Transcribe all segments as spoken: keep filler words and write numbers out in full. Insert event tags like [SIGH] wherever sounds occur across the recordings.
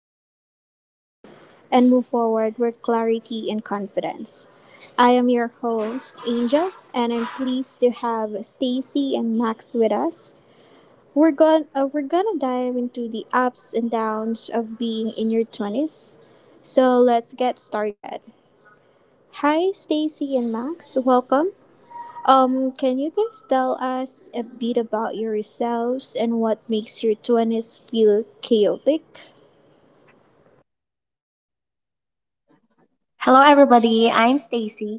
into that strength and move forward with clarity and confidence. I am your host, Angel, and I'm pleased to have Stacy and Max with us. We're going uh, we're gonna dive into the ups and downs of being in your twenties. So let's get started. Hi Stacy and Max, welcome. Um can you guys tell us a bit about yourselves and what makes your twenties feel chaotic? Hello, everybody. I'm Stacy.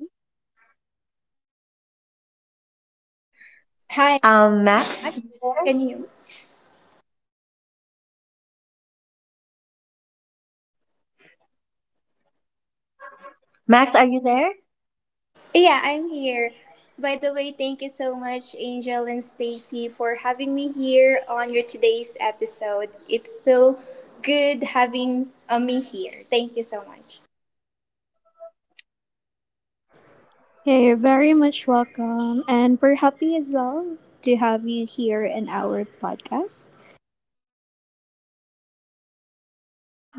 Hi, Um, Max. Max. Can you? Max, are you there? Yeah, I'm here. By the way, thank you so much, Angel and Stacy, for having me here on your today's episode. It's so good having uh, me here. Thank you so much. Hey, very much welcome, and we're happy as well to have you here in our podcast.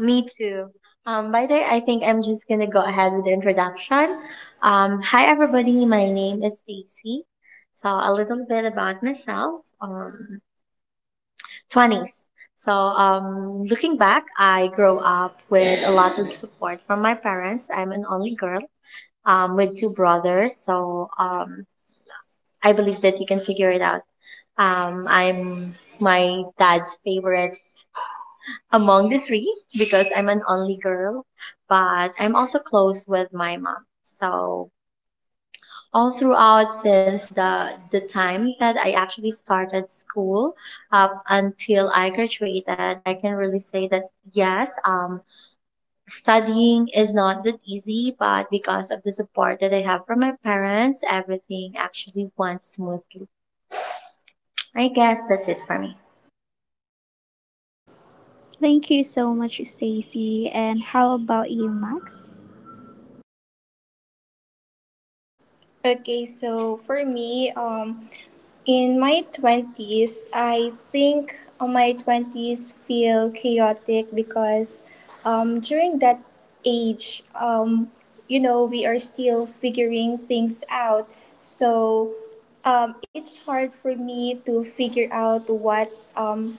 Me too. Um, by the way, I think I'm just gonna go ahead with the introduction. Um, hi, everybody. My name is Stacy. So a little bit about myself. Um, twenties. So um, looking back, I grew up with a lot of support from my parents. I'm an only girl. Um, with two brothers. So um, I believe that you can figure it out. Um, I'm my dad's favorite among the three because I'm an only girl, but I'm also close with my mom. So all throughout since the the time that I actually started school up until I graduated, I can really say that yes, um, studying is not that easy, but because of the support that I have from my parents, everything actually went smoothly. I guess that's it for me. Thank you so much, Stacy. And how about you, Max? Okay, so for me, um, in my twenties, I think uh, my twenties feel chaotic because um, during that age, um, You know, we are still figuring things out. So um, it's hard for me to figure out what um,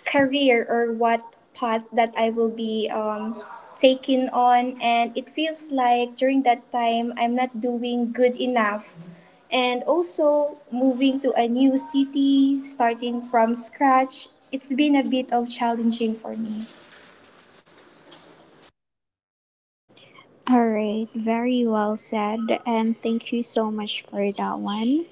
career or what path that I will be um, taking on. And it feels like during that time, I'm not doing good enough. And also, moving to a new city, starting from scratch, it's been a bit of challenging for me. All right, very well said, and thank you so much for that one.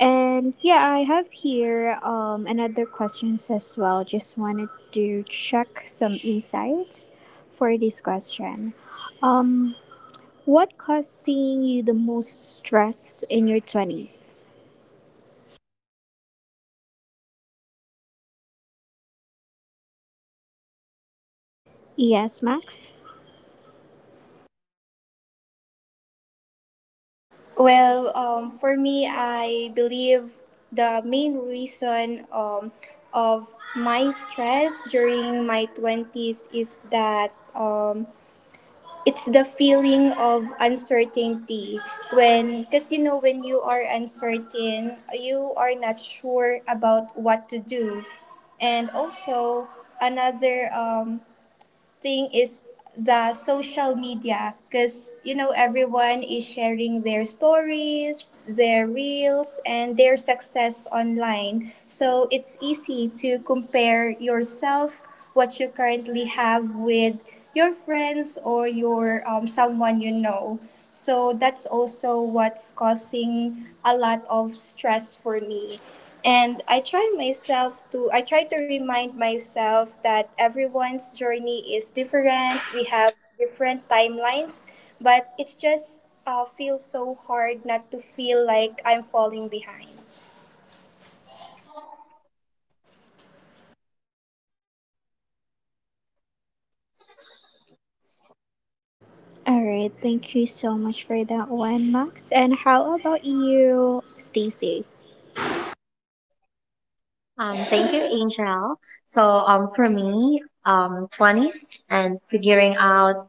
And yeah, I have here um another questions as well. Just wanted to check some insights for this question. Um, what caused seeing you the most stress in your twenties? Yes, Max. Well, um, for me, I believe the main reason um, of my stress during my twenties is that um, it's the feeling of uncertainty when, because you know, when you are uncertain, you are not sure about what to do. And also, another um, thing is the social media, because you know, everyone is sharing their stories, their reels, and their success online, so it's easy to compare yourself, what you currently have, with your friends or your um, someone you know. So that's also what's causing a lot of stress for me, and I try myself to I try to remind myself that everyone's journey is different. We have different timelines, but it's just uh, feels so hard not to feel like I'm falling behind. All right, thank you so much for that one, Max. And how about you, Stacy? Um, thank you, Angel. So, um, for me, um, twenties and figuring out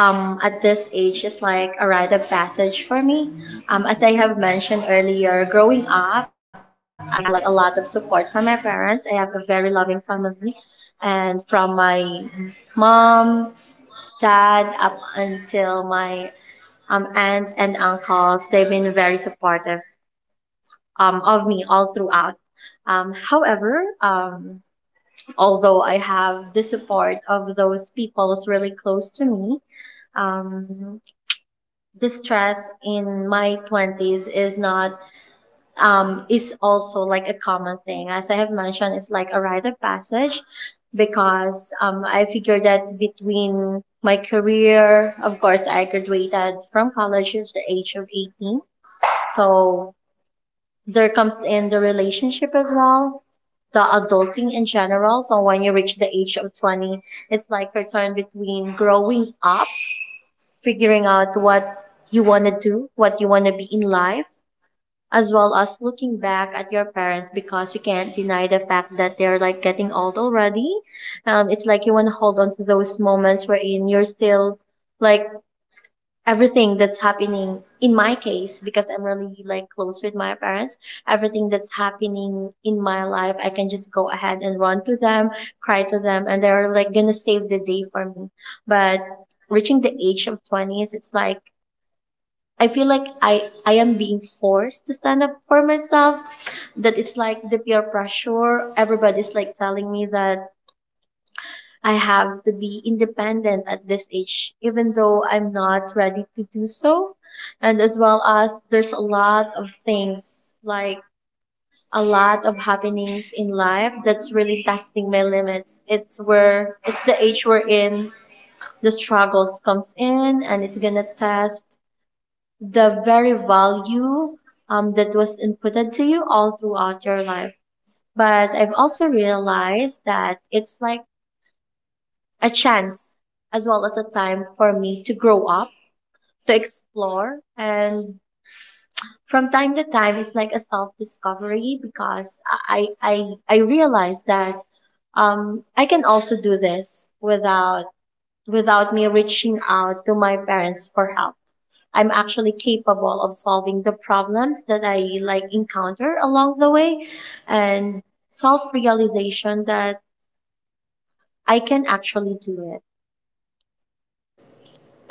um, at this age is like a rite of passage for me. Um, as I have mentioned earlier, growing up, I have like a lot of support from my parents. I have a very loving family, and from my mom, dad, up until my um, aunt and uncles, they've been very supportive um, of me all throughout. Um, however, um, although I have the support of those people really close to me, um, the stress in my twenties is not, um, is also like a common thing. As I have mentioned, it's like a rite of passage because um, I figured that between my career, of course, I graduated from college at the age of eighteen. So there comes in the relationship as well, the adulting in general. So when you reach the age of twenty, it's like your turn between growing up, figuring out what you want to do, what you want to be in life, as well as looking back at your parents because you can't deny the fact that they're like getting old already. Um, it's like you want to hold on to those moments wherein you're still like everything that's happening in my case because I'm really like close with my parents. Everything that's happening in my life, I can just go ahead and run to them, cry to them, and they're like gonna save the day for me. But reaching the age of twenties, it's like I feel like i i am being forced to stand up for myself, that it's like the peer pressure. Everybody's like telling me that I have to be independent at this age, even though I'm not ready to do so. And as well as there's a lot of things, like a lot of happenings in life that's really testing my limits. It's where, it's the age we're in, the struggles comes in and it's gonna test the very value um, that was inputted to you all throughout your life. But I've also realized that it's like a chance as well as a time for me to grow up, to explore, and from time to time it's like a self discovery because I I I realize that um I can also do this without without me reaching out to my parents for help. I'm actually capable of solving the problems that I like encounter along the way, and self realization that I can actually do it.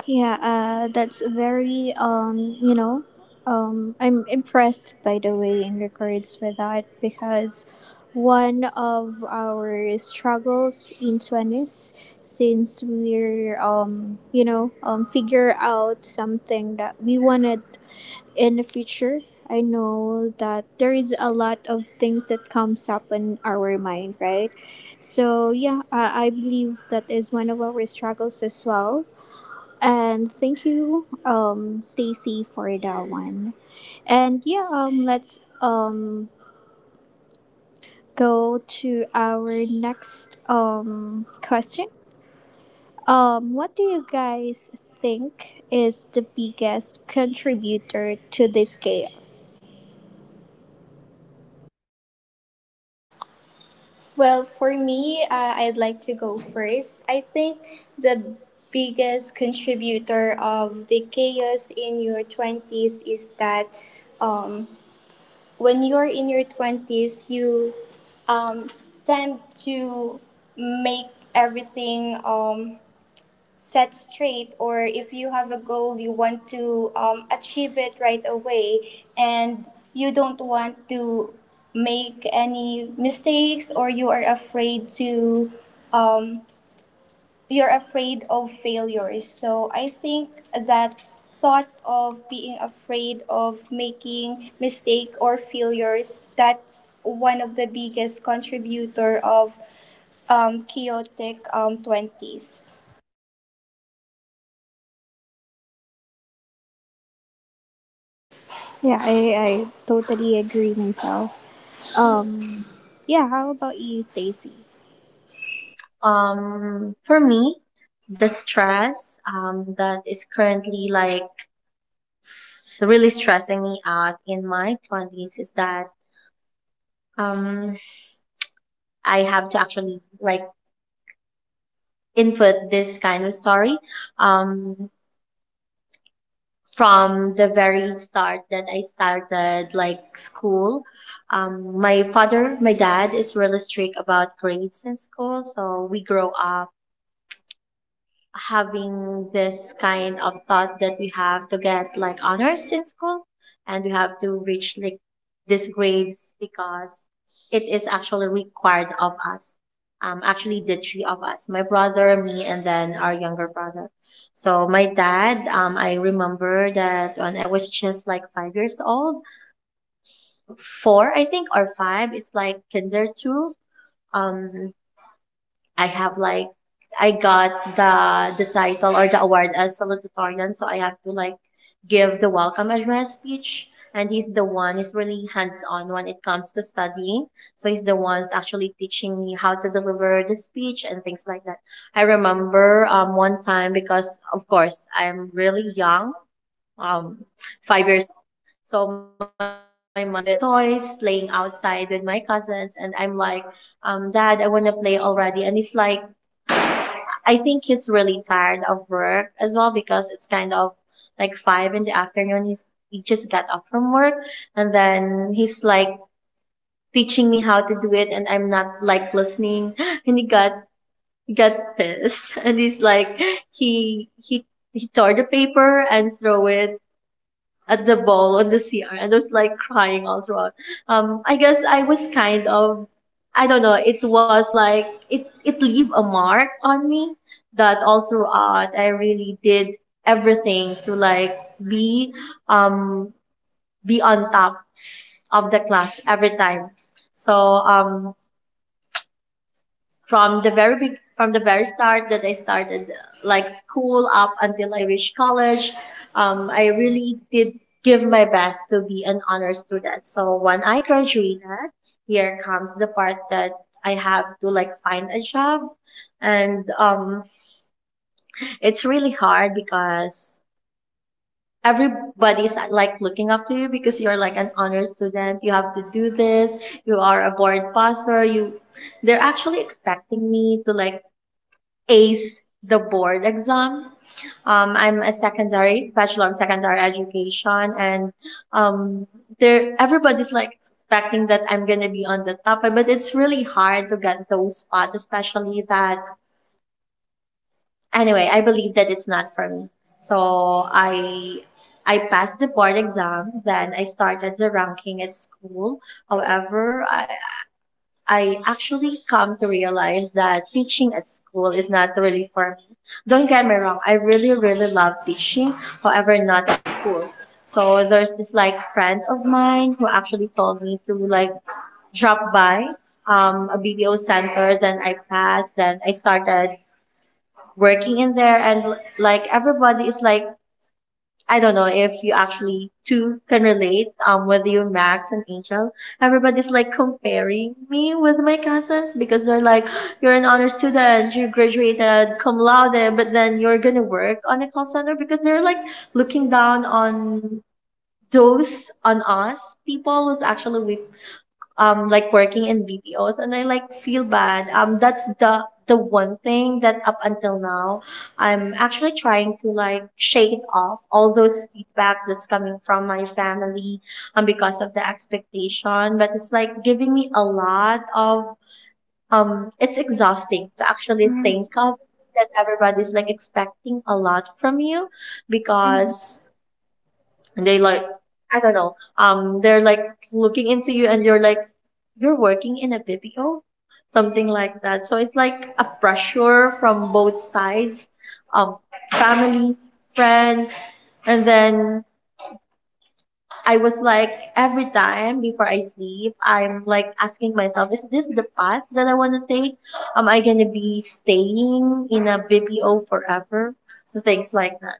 Yeah, uh, that's very um, you know, um, I'm impressed by the way in regards with that, because one of our struggles in twenties, since we're um, you know, um, figure out something that we wanted in the future. I know that there is a lot of things that comes up in our mind, right? So yeah, I, I believe that is one of our struggles as well, and thank you, um, Stacy, for that one. And yeah, um, let's um go to our next um question. Um, what do you guys think is the biggest contributor to this chaos? Well, for me, uh, I'd like to go first. I think the biggest contributor of the chaos in your twenties is that um, when you're in your twenties, you um, tend to make everything um, set straight. Or if you have a goal, you want to um, achieve it right away, and you don't want to make any mistakes, or you are afraid to um, you're afraid of failures. So I think that thought of being afraid of making mistake or failures, that's one of the biggest contributor of um, chaotic um, twenties. Yeah, I, I totally agree myself. Um, yeah, how about you, Stacy? Um, for me, the stress um, that is currently like s- really stressing me out in my twenties is that um, I have to actually like input this kind of story um, from the very start that I started like school. Um, my father, my dad is really strict about grades in school, so we grow up having this kind of thought that we have to get like honors in school and we have to reach like these grades because it is actually required of us. Um actually, the three of us, my brother, me, and then our younger brother. So my dad, um I remember that when I was just like five years old, four I think or five, it's like kinder two. um I have like I got the the title or the award as salutatorian, so I have to like give the welcome address speech. And he's the one is really hands on when it comes to studying. So he's the one's actually teaching me how to deliver the speech and things like that. I remember um one time, because of course I'm really young, um five years old. So my mind is with the toys, playing outside with my cousins, and I'm like, um, Dad, I wanna play already. And it's like I think he's really tired of work as well because it's kind of like five in the afternoon. He's he just got off from work, and then he's like teaching me how to do it and I'm not like listening [GASPS] and he got he got pissed [LAUGHS] and he's like he he he tore the paper and throw it at the ball on the C R, and I was like crying all throughout. Um, I guess I was kind of, I don't know, it was like, it, it leave a mark on me that all throughout I really did everything to like be, um, be on top of the class every time. So, um, from the very big from the very start that I started like school up until I reached college, um, I really did give my best to be an honor student. So when I graduated, here comes the part that I have to like find a job, and um, it's really hard because everybody's like looking up to you because you're like an honor student. You have to do this. You are a board passer. You They're actually expecting me to like ace the board exam. Um, I'm a secondary bachelor of secondary education, and um, there everybody's like expecting that I'm gonna be on the top, but it's really hard to get those spots, especially that. Anyway, I believe that it's not for me, so I. I passed the board exam, then I started the ranking at school. However, I, I actually come to realize that teaching at school is not really for me. Don't get me wrong, I really, really love teaching, however, not at school. So there's this like friend of mine who actually told me to like drop by um, a B P O center. Then I passed. Then I started working in there, and like everybody is like I don't know if you actually too can relate. Um, with you, Max and Angel, everybody's like comparing me with my cousins because they're like, [GASPS] "You're an honor student, you graduated cum laude, but then you're gonna work on a call center," because they're like looking down on those on us people who's actually um like working in B P Os, and I like feel bad. Um that's the the one thing that up until now I'm actually trying to like shake off all those feedbacks that's coming from my family um because of the expectation. But it's like giving me a lot of um it's exhausting to actually think of that everybody's like expecting a lot from you because they like I don't know um they're like looking into you and you're like you're working in a B P O, something like that. So it's like a pressure from both sides, um, family, friends, and then I was like every time before I sleep, I'm like asking myself, is this the path that I want to take? Am I gonna be staying in a B P O forever? So things like that.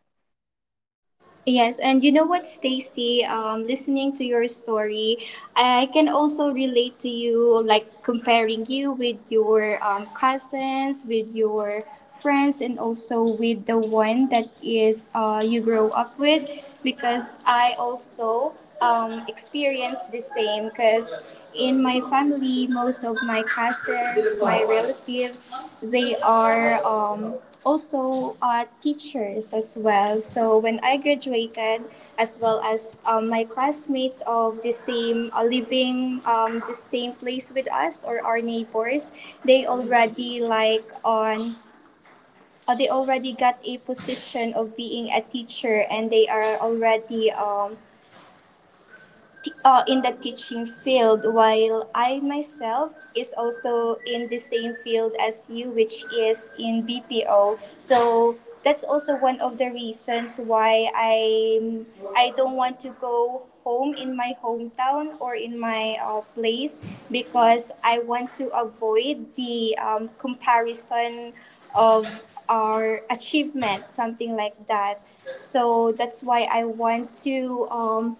Yes, and you know what, Stacy? Um, listening to your story, I can also relate to you, like comparing you with your um, cousins, with your friends, and also with the one that is uh, you grow up with, because I also um, experienced the same. Because in my family, most of my cousins, my relatives, they are um, also uh, teachers as well. So when I graduated, as well as um, my classmates of the same uh, living um, the same place with us or our neighbors, they already like on uh, they already got a position of being a teacher, and they are already um, t- uh, in the teaching field, while I myself is also in the same field as you, which is in BPO. So that's also one of the reasons why i i don't want to go home in my hometown or in my uh, place, because I want to avoid the um, comparison of our achievements, something like that. So that's why I want to um,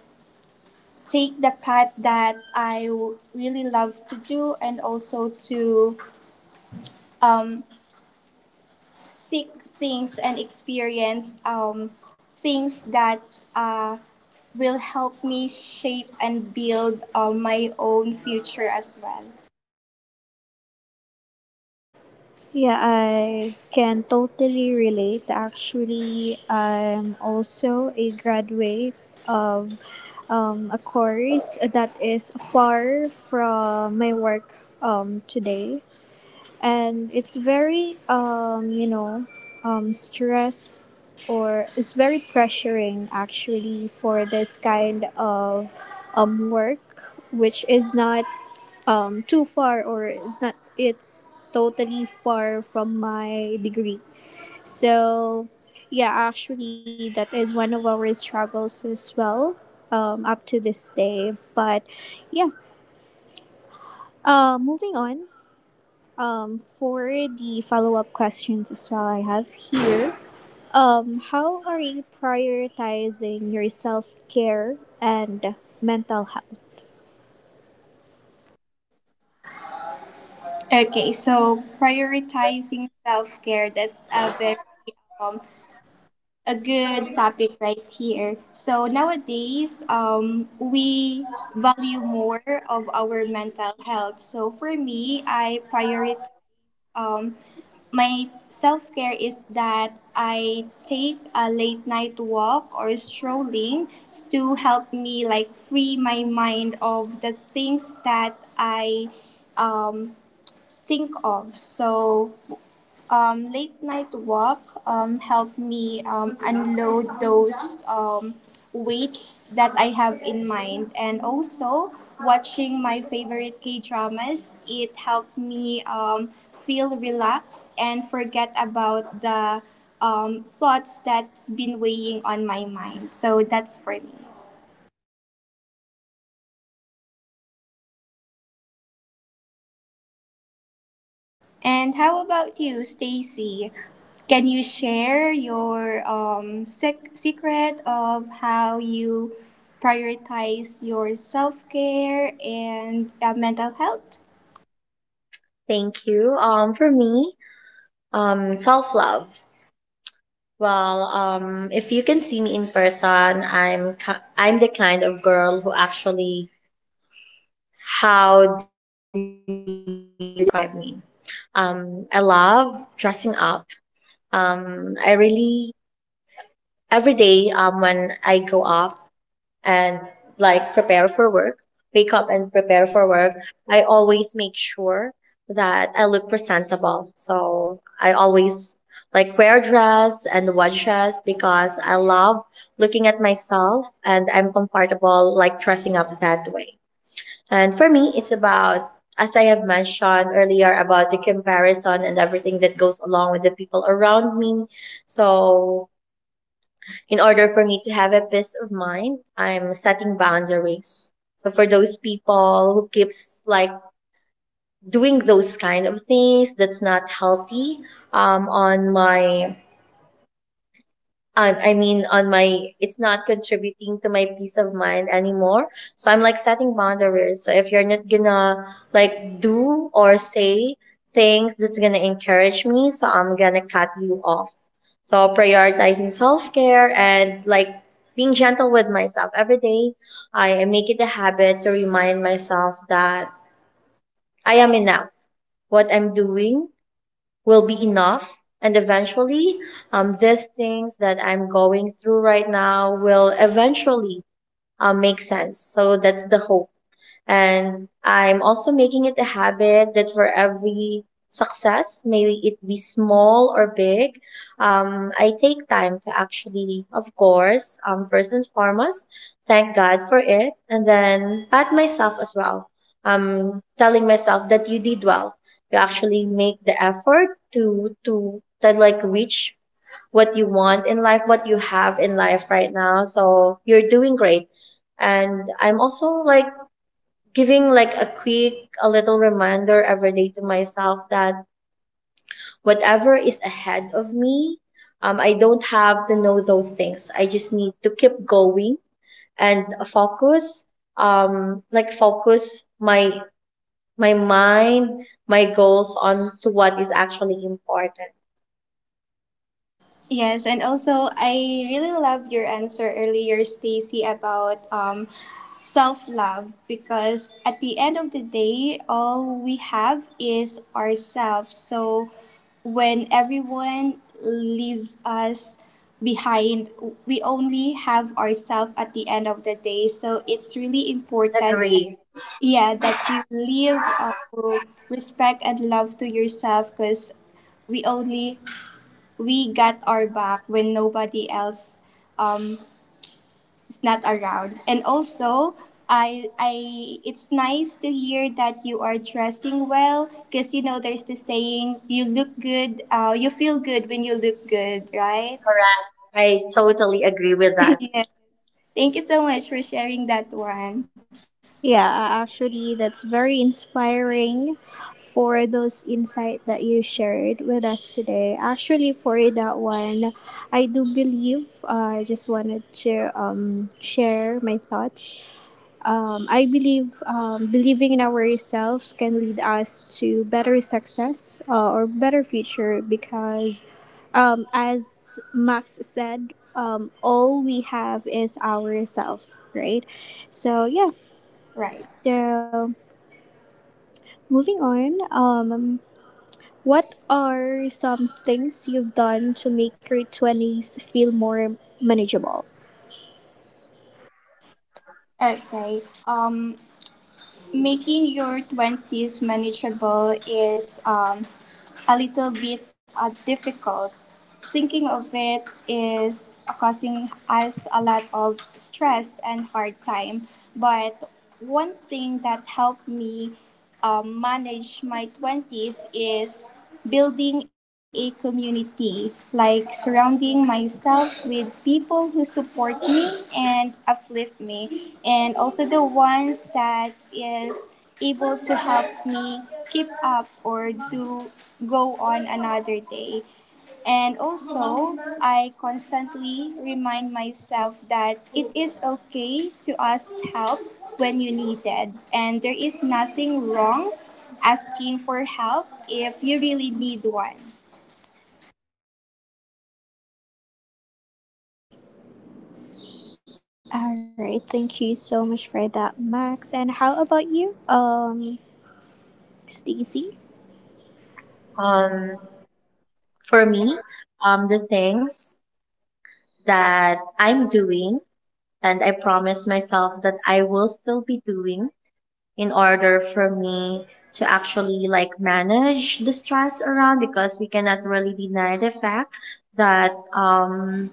take the path that I w- really love to do, and also to um, seek things and experience um, things that uh, will help me shape and build uh, my own future as well. Yeah, I can totally relate. Actually, I'm also a graduate of um, a course that is far from my work um, today. And it's very, um, you know, um, stress, or it's very pressuring actually for this kind of um, work, which is not um too far, or it's not it's totally far from my degree. So yeah, actually that is one of our struggles as well, um, up to this day. But yeah, uh, moving on, um, for the follow-up questions as well, I have here, um, how are you prioritizing your self-care and mental health? Okay, so prioritizing self care, that's a very a good topic right here. So nowadays, um, we value more of our mental health. So for me, I prioritize um, my self care is that I take a late night walk or strolling to help me like free my mind of the things that I um, think of. So um, late night walk um, helped me um, unload those um, weights that I have in mind. And also, watching my favorite K dramas, it helped me um, feel relaxed and forget about the um, thoughts that's been weighing on my mind. So that's for me. And how about you, Stacy? Can you share your um, sec- secret of how you prioritize your self care and uh, mental health? Thank you. Um, for me, um, self love. Well, um, if you can see me in person, I'm ki- I'm the kind of girl who actually, how do you describe me? Um, I love dressing up. Um, I really every day um, when I go up and like prepare for work, wake up and prepare for work, I always make sure that I look presentable. So I always like wear a dress and watch dress because I love looking at myself and I'm comfortable like dressing up that way. And for me, it's about as I have mentioned earlier about the comparison and everything that goes along with the people around me. So in order for me to have a peace of mind, I'm setting boundaries. So for those people who keeps like doing those kind of things that's not healthy, um, on my um, I mean, on my, it's not contributing to my peace of mind anymore. So I'm like setting boundaries. So if you're not gonna like do or say things that's gonna encourage me, so I'm gonna cut you off. So prioritizing self care and like being gentle with myself every day. I make it a habit to remind myself that I am enough. What I'm doing will be enough. And eventually, um, these things that I'm going through right now will eventually um, make sense. So that's the hope. And I'm also making it a habit that for every success, maybe it be small or big, um, I take time to actually, of course, um, first and foremost, thank God for it, and then pat myself as well. Um, telling myself that you did well. You actually make the effort to to to like reach what you want in life, what you have in life right now. So you're doing great, and I'm also like giving like a quick, a little reminder every day to myself that whatever is ahead of me, um, I don't have to know those things. I just need to keep going and focus, um, like focus my my mind, my goals on to what is actually important. Yes, and also I really love your answer earlier, Stacy, about um, self love, because at the end of the day, all we have is ourselves. So when everyone leaves us behind, we only have ourselves at the end of the day. So it's really important that Agree. yeah that you live uh, respect and love to yourself, because we only we got our back when nobody else um, is not around. And also, I, I, it's nice to hear that you are dressing well, because you know there's the saying you look good, uh, you feel good when you look good, right? Correct. I totally agree with [LAUGHS] that. Yeah. Thank you so much for sharing that one. Yeah, a- actually, that's very inspiring for those insight that you shared with us today. Actually, for that one, I do believe, uh, I just wanted to um, share my thoughts. Um, I believe um, believing in ourselves can lead us to better success, uh, or better future, because, um, as Max said, um, all we have is ourself, right? So yeah, Right. so moving on, um, what are some things you've done to make your twenties feel more manageable? Okay. Um, making your twenties manageable is um a little bit uh, difficult. Thinking of it is causing us a lot of stress and hard time. But one thing that helped me um, manage my twenties is building a community, like surrounding myself with people who support me and uplift me, and also the ones that is able to help me keep up or do go on another day. And also, I constantly remind myself that it is okay to ask help when you need it. And there is nothing wrong asking for help if you really need one. All right, thank you so much for that, Max. And how about you, um, Stacy? Um, for me, um, the things that I'm doing, and I promise myself that I will still be doing in order for me to actually like manage the stress around, because we cannot really deny the fact that um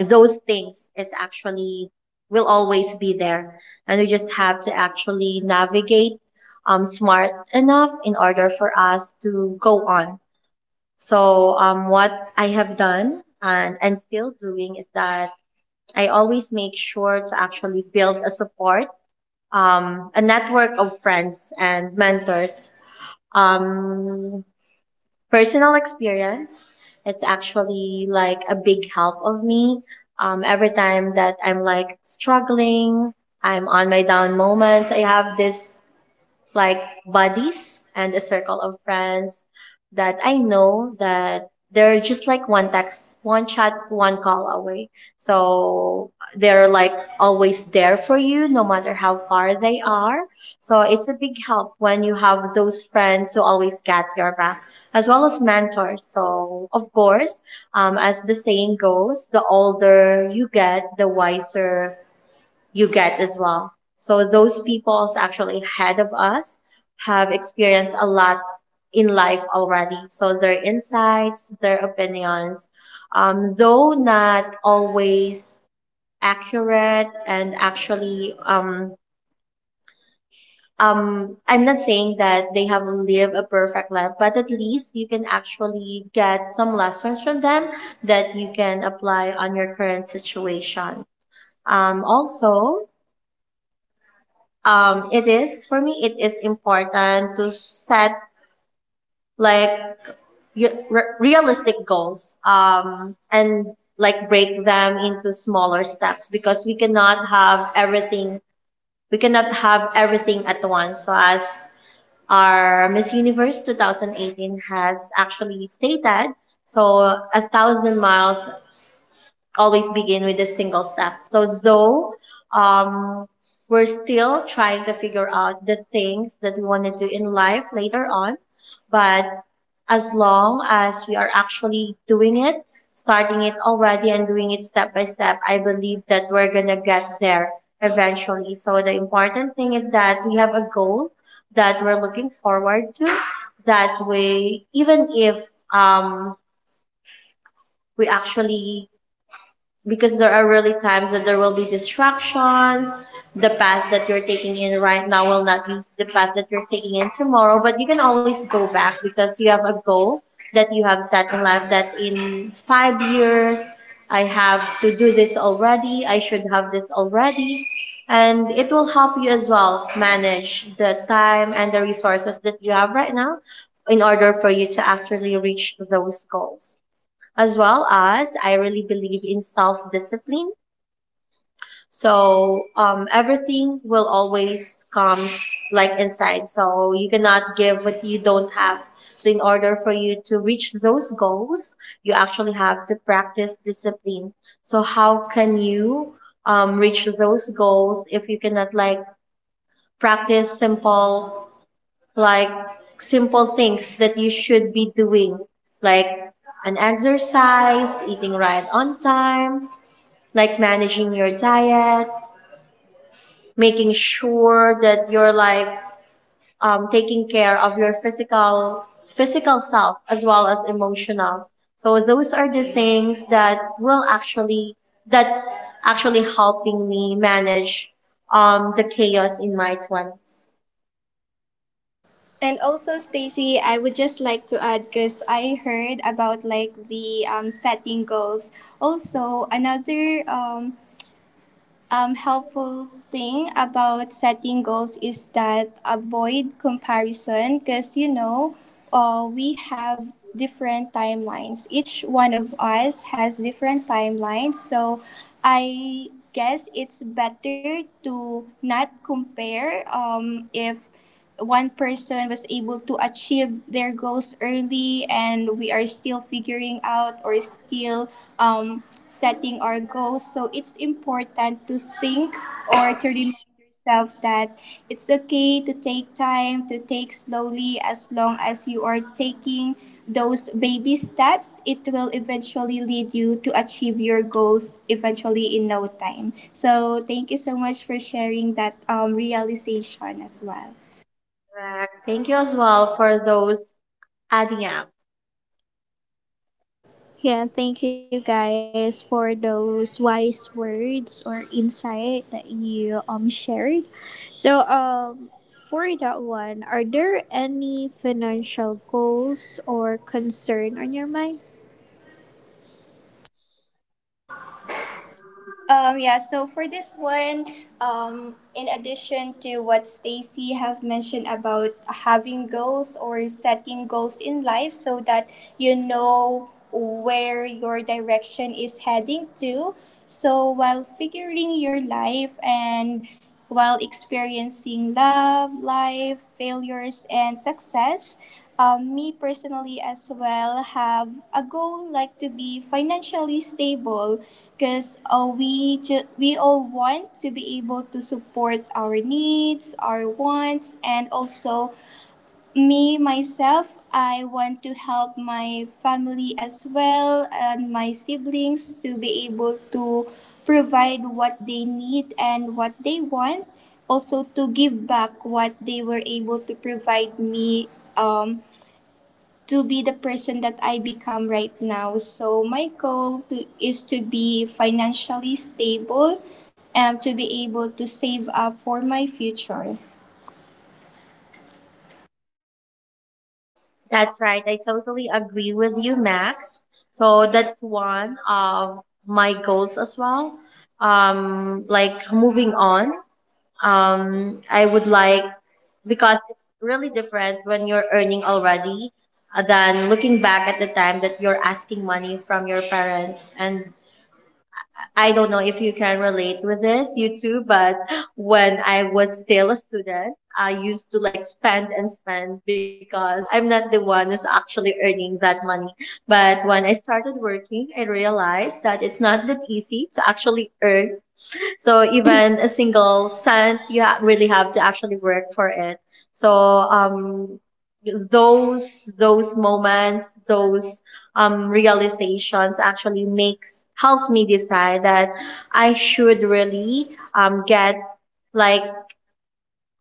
those things is actually will always be there, and we just have to actually navigate um smart enough in order for us to go on. So um what I have done and and still doing is that I always make sure to actually build a support, um, a network of friends and mentors. Um, Personal experience, it's actually like a big help of me. Um, every time that I'm like struggling, I'm on my down moments, I have this like buddies and a circle of friends that I know that they're just like one text, one chat, one call away. So they're like always there for you no matter how far they are. So it's a big help when you have those friends who always get your back, as well as mentors. So of course, um, as the saying goes, the older you get, the wiser you get as well. So those peoples actually ahead of us have experienced a lot in life already. So their insights, their opinions, um, though not always accurate and actually um, um, I'm not saying that they have lived a perfect life, but at least you can actually get some lessons from them that you can apply on your current situation. Um, also, um it is, for me, it is important to set like y- re- realistic goals, um and like break them into smaller steps, because we cannot have everything we cannot have everything at once. So as our Miss Universe twenty eighteen has actually stated, so a thousand miles always begin with a single step. So though, um, we're still trying to figure out the things that we want to do in life later on, but as long as we are actually doing it, starting it already and doing it step by step, I believe that we're gonna get there eventually. So the important thing is that we have a goal that we're looking forward to. That way, even if, um, we actually, because there are really times that there will be distractions. The path that you're taking in right now will not be the path that you're taking in tomorrow, but you can always go back because you have a goal that you have set in life that in five years, I have to do this already, I should have this already. And it will help you as well manage the time and the resources that you have right now in order for you to actually reach those goals, as well as I really believe in self discipline. So um, everything will always comes like inside. So you cannot give what you don't have. So in order for you to reach those goals, you actually have to practice discipline. So how can you um, reach those goals if you cannot like practice simple like simple things that you should be doing, like an exercise, eating right on time, like managing your diet, making sure that you're like um, taking care of your physical physical self as well as emotional. So those are the things that will actually, that's actually helping me manage um, the chaos in my twenties. And also, Stacy, I would just like to add because I heard about like the um, setting goals. Also, another um, um, helpful thing about setting goals is that avoid comparison, because you know uh, we have different timelines, each one of us has different timelines so I guess it's better to not compare. Um, if one person was able to achieve their goals early and we are still figuring out or still um, setting our goals, so it's important to think or to remind yourself that it's okay to take time, to take slowly, as long as you are taking those baby steps. It will eventually lead you to achieve your goals eventually in no time. So thank you so much for sharing that um, realization as well. Correct. Thank you as well for those, Adiam. Yeah, thank you guys for those wise words or insight that you um shared. So um, for that one, are there any financial goals or concern on your mind? Um, yeah, so for this one, um, in addition to what Stacy have mentioned about having goals or setting goals in life, so that you know where your direction is heading to. So while figuring your life and while experiencing love, life, failures, and success. Um, me personally as well have a goal like to be financially stable, because uh, we ju- we all want to be able to support our needs, our wants, and also me myself I want to help my family as well and my siblings to be able to provide what they need and what they want, also to give back what they were able to provide me um, to be the person that I become right now. So my goal to, is to be financially stable and to be able to save up for my future. That's right. I totally agree with you, Max. So that's one of my goals as well. Um, like moving on, um, I would like, because it's really different when you're earning already, uh, than looking back at the time that you're asking money from your parents. And I don't know if you can relate with this, you too, but when I was still a student, I used to like spend and spend because I'm not the one who's actually earning that money. But when I started working, I realized that it's not that easy to actually earn, so even a single cent, you ha- really have to actually work for it. So um, those those moments, those um, realizations actually makes helps me decide that I should really um, get like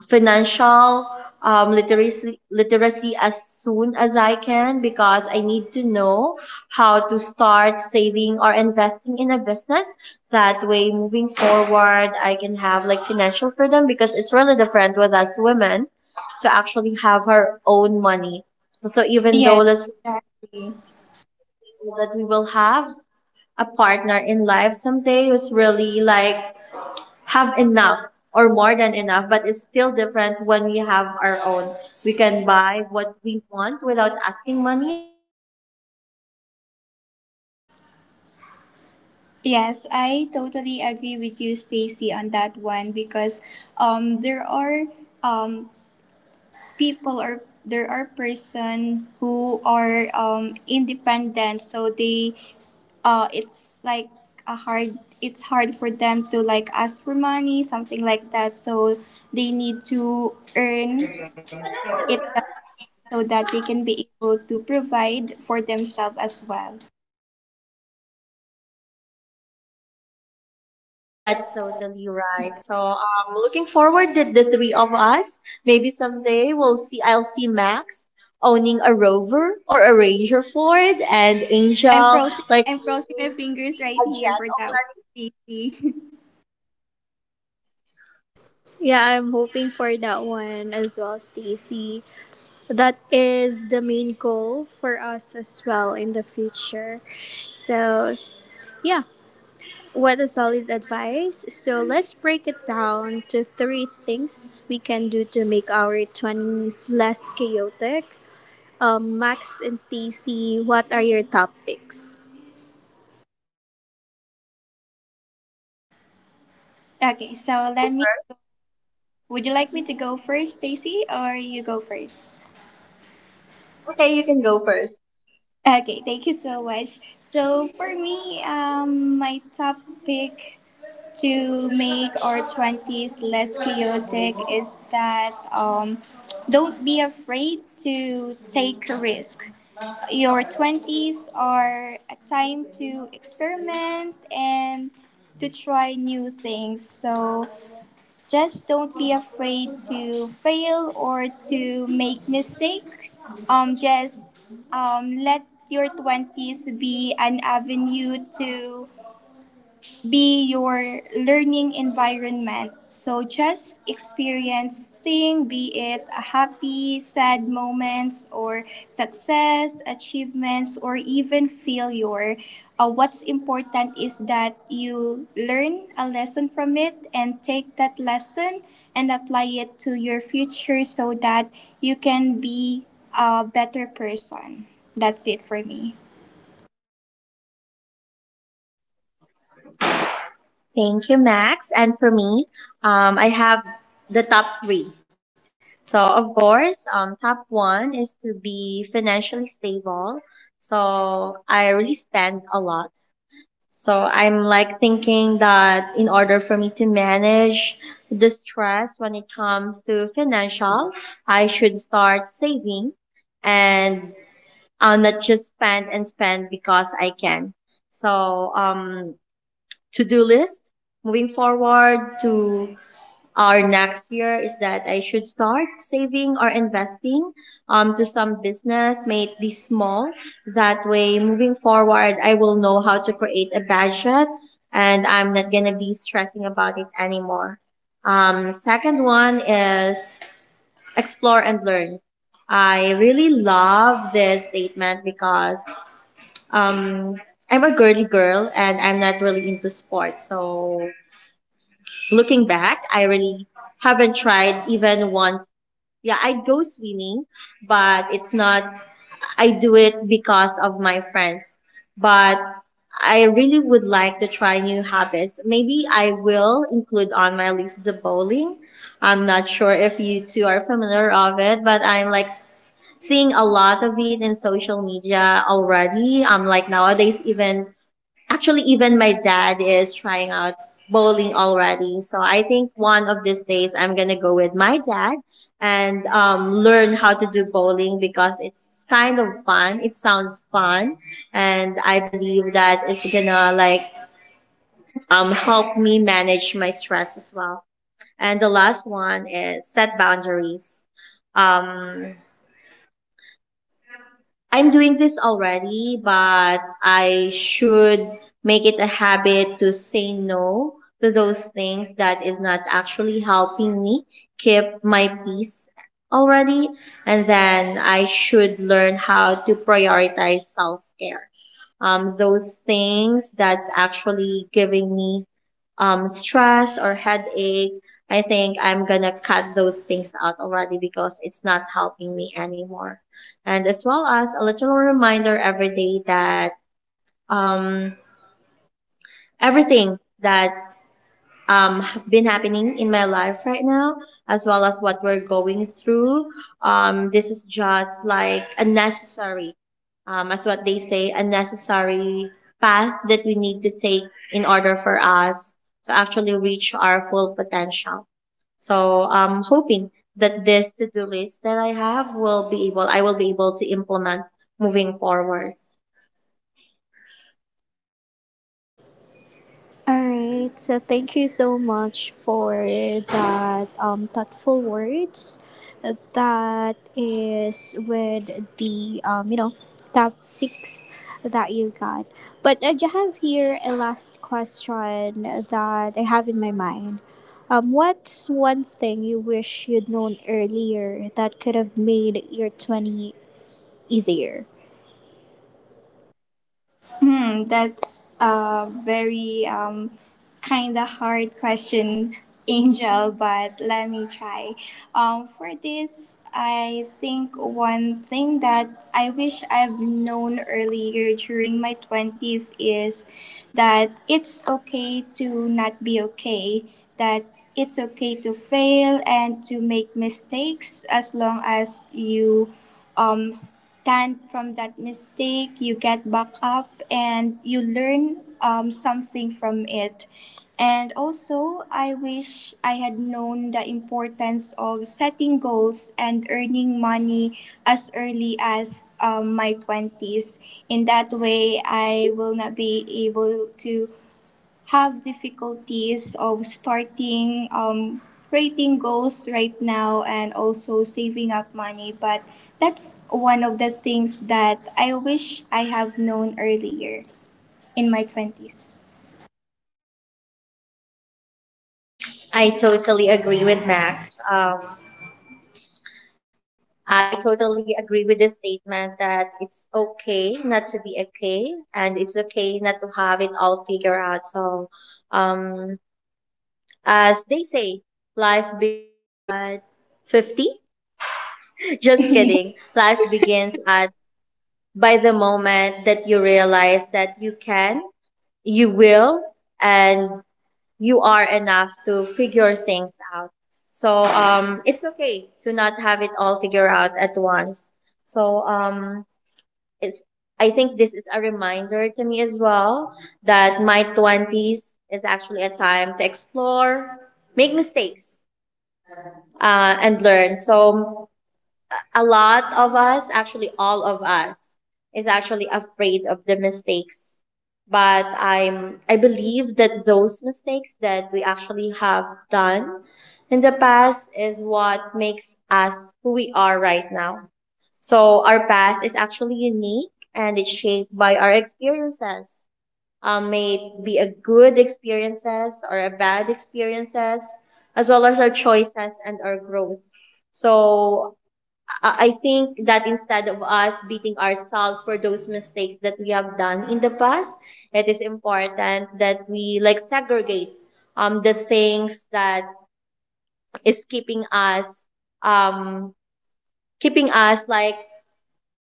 financial um, literacy literacy as soon as I can, because I need to know how to start saving or investing in a business. That way, moving forward, I can have like financial freedom, because it's really different with us women to actually have our own money. So even though, Yes, let's exactly. say that we will have a partner in life someday who's really like have enough or more than enough, but it's still different when we have our own. We can buy what we want without asking money from our partner someday. We can spend as much as we Yes, can I those totally people that we agree with want to you, spend to, Stacy, like on our that one, families, because our um, close there are friends. um, people or there are person who are um, independent, so they uh, it's like a hard it's hard for them to like ask for money, something like that. So they need to earn it so that they can be able to provide for themselves as well. That's totally right. So I'm looking forward that the three of us, maybe someday we'll see, I'll see Max owning a Rover or a Ranger Ford, and I'm Angel crossing like I'm crossing my owning fingers right a here jet for that one, already. Stacy. [LAUGHS] Yeah, I'm hoping for that one as well, Stacy. That is the main goal for us as well in the future. So, yeah, what a solid advice. So, let's break it down to three things we can do to make our twenties less chaotic. Um, Max and Stacy, what are your topics? Okay, I'll so go. let me. Would you like me to go first, Stacy, or you go first? Okay, you can go first. Okay, thank you so much. So for me, um, my top pick to make our twenties less chaotic is that um, don't be afraid to take a risk. Your twenties are a time to experiment and to try new things. So just don't be afraid to fail or to make mistakes. Um, just um, let your twenties be an avenue to be your learning environment. So just experience thing, be it a happy, sad moments or success, achievements, or even failure. Uh, what's important is that you learn a lesson from it and take that lesson and apply it to your future so that you can be a better person. That's it for me. Thank you, Max. And for me, um, I have the top three. So of course, um, top one is to be financially stable. So I really spend a lot. So I'm like thinking that in order for me to manage the stress when it comes to financial, I should start saving, and I'll not just spend and spend because I can. So um to-do list moving forward to our next year is that I should start saving or investing um, to some business, make this small. That way, moving forward, I will know how to create a budget and I'm not going to be stressing about it anymore. Um, second one is explore and learn. I really love this statement because um, I'm a girly girl and I'm not really into sports. So looking back, I really haven't tried even once. Yeah, I'd go swimming, but it's not, I do it because of my friends. But I really would like to try new habits. Maybe I will include on my list the bowling. I'm not sure if you two are familiar of it, but I'm like s- seeing a lot of it in social media already. Um, like nowadays, even actually even my dad is trying out bowling already. So I think one of these days I'm gonna go with my dad and um, learn how to do bowling, because it's kind of fun, it sounds fun, and I believe that it's gonna like um, help me manage my stress as well. And the last one is set boundaries. um, I'm doing this already, but I should make it a habit to say no to those things that is not actually helping me keep my peace already. And then I should learn how to prioritize self care, um, those things that's actually giving me um, stress or headache, I think I'm gonna cut those things out already because it's not helping me anymore. And as well as a little reminder every day that um, everything that's um, been happening in my life right now, as well as what we're going through. Um, this is just like a necessary, um, as what they say, a necessary path that we need to take in order for us to actually reach our full potential. So I'm hoping that this to-do list that I have will be able, I will be able to implement moving forward. All right. So thank you so much for that um, thoughtful words. That is with the um, you know, topics that you got. But I do have here a last question that I have in my mind. Um, what's one thing you wish you'd known earlier that could have made your twenties easier? Hmm, that's a very um, kind of hard question, [LAUGHS] Angel, but let me try. Um, for this, I think one thing that I wish I've known earlier during my twenties is that it's okay to not be okay, that it's okay to fail and to make mistakes, as long as you um, then from that mistake you get back up and you learn um, something from it. And also I wish I had known the importance of setting goals and earning money as early as um, my twenties. In that way I will not be able to have difficulties of starting um, creating goals right now and also saving up money. But that's one of the things that I wish I have known earlier in my twenties. I totally agree with Max. Um, I totally agree with the statement that it's okay not to be okay and it's okay not to have it all figured out. So, um, as they say, life begins at fifty. [LAUGHS] Just [LAUGHS] kidding. Life begins at by the moment that you realize that you can, you will, and you are enough to figure things out. So, um, it's okay to not have it all figured out at once. So, um, it's I think this is a reminder to me as well that my twenties is actually a time to explore, make mistakes, uh, and learn. So, a lot of us, actually, all of us, is actually afraid of the mistakes. But I'm, I believe that those mistakes that we actually have done in the past is what makes us who we are right now. So our path is actually unique and it's shaped by our experiences. Um, may it be a good experiences or a bad experiences, as well as our choices and our growth. So I I think that instead of us beating ourselves for those mistakes that we have done in the past, it is important that we like segregate um the things that is keeping us um keeping us like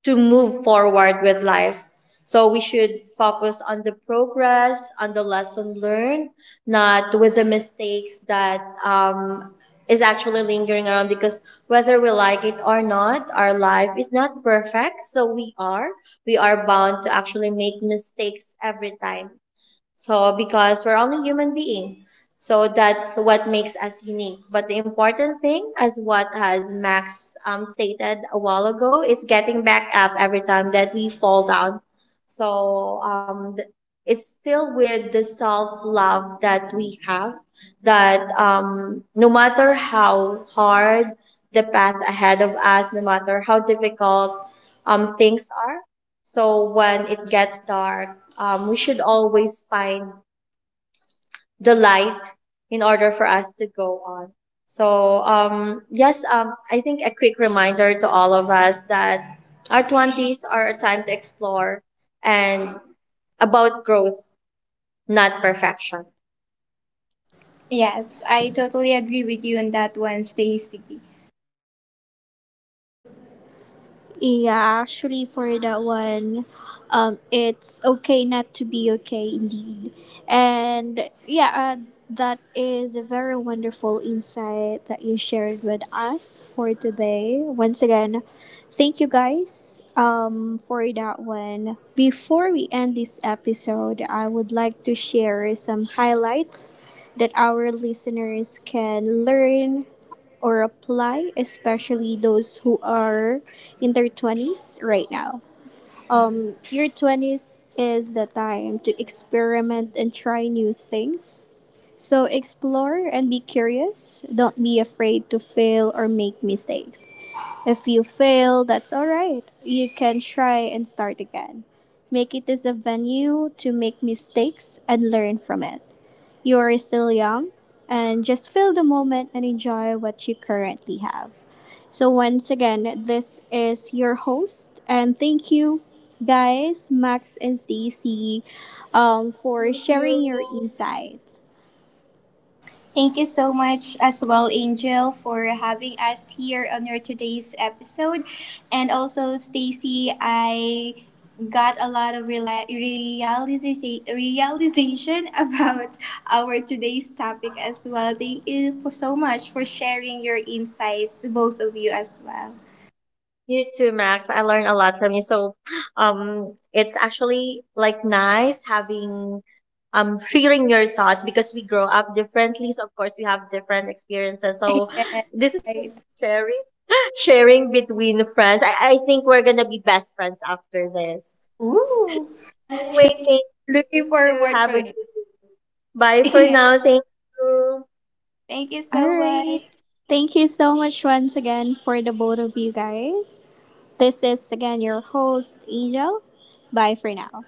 to move forward with life. So we should focus on the progress, on the lesson learned, not with the mistakes that um, is actually lingering around. Because whether we like it or not, our life is not perfect. So we are we are bound to actually make mistakes every time. So, because we're only human being. So that's what makes us unique. But the important thing, as what has Max um, stated a while ago, is getting back up every time that we fall down. So um, th- it's still with the self love that we have, that um, no matter how hard the path ahead of us, no matter how difficult um, things are, so when it gets dark, um, we should always find the light in order for us to go on. So, um, yes, um, I think a quick reminder to all of us that our twenties are a time to explore and about growth, not perfection. Yes, I totally agree with you on that one, Stacy. Yeah, actually, for that one, um, it's okay not to be okay, indeed. And yeah, uh, that is a very wonderful insight that you shared with us for today. Once again, thank you guys um, for that one. Before we end this episode, I would like to share some highlights that our listeners can learn or apply, especially those who are in their twenties right now. Um, your twenties is the time to experiment and try new things. So explore and be curious. Don't be afraid to fail or make mistakes. If you fail, that's all right. You can try and start again. Make it as a venue to make mistakes and learn from it. You are still young, and just feel the moment and enjoy what you currently have. So, once again, this is your host, and thank you guys, Max and Stacy, um, for Thank you. sharing your insights. Thank you so much as well, Angel, for having us here on your today's episode. And also, Stacy, I got a lot of reali- realiza- realization [LAUGHS] about our today's topic as well. Thank you for so much for sharing your insights, both of you as well. You too, Max. I learned a lot from you. So, [GASPS] um, it's actually like nice having, um, [LAUGHS] hearing your thoughts, because we grow up differently. So of course we have different experiences. So Yes, this is right. [LAUGHS] sharing, sharing between friends. I, I think we're gonna be best friends after this. Ooh, Anyway, thank you looking to forward for have a it. good. Bye for [LAUGHS] now. Thank you. Thank you All so right. much. Thank you so much once again for the both of you guys. This is again your host, Angel. Bye for now.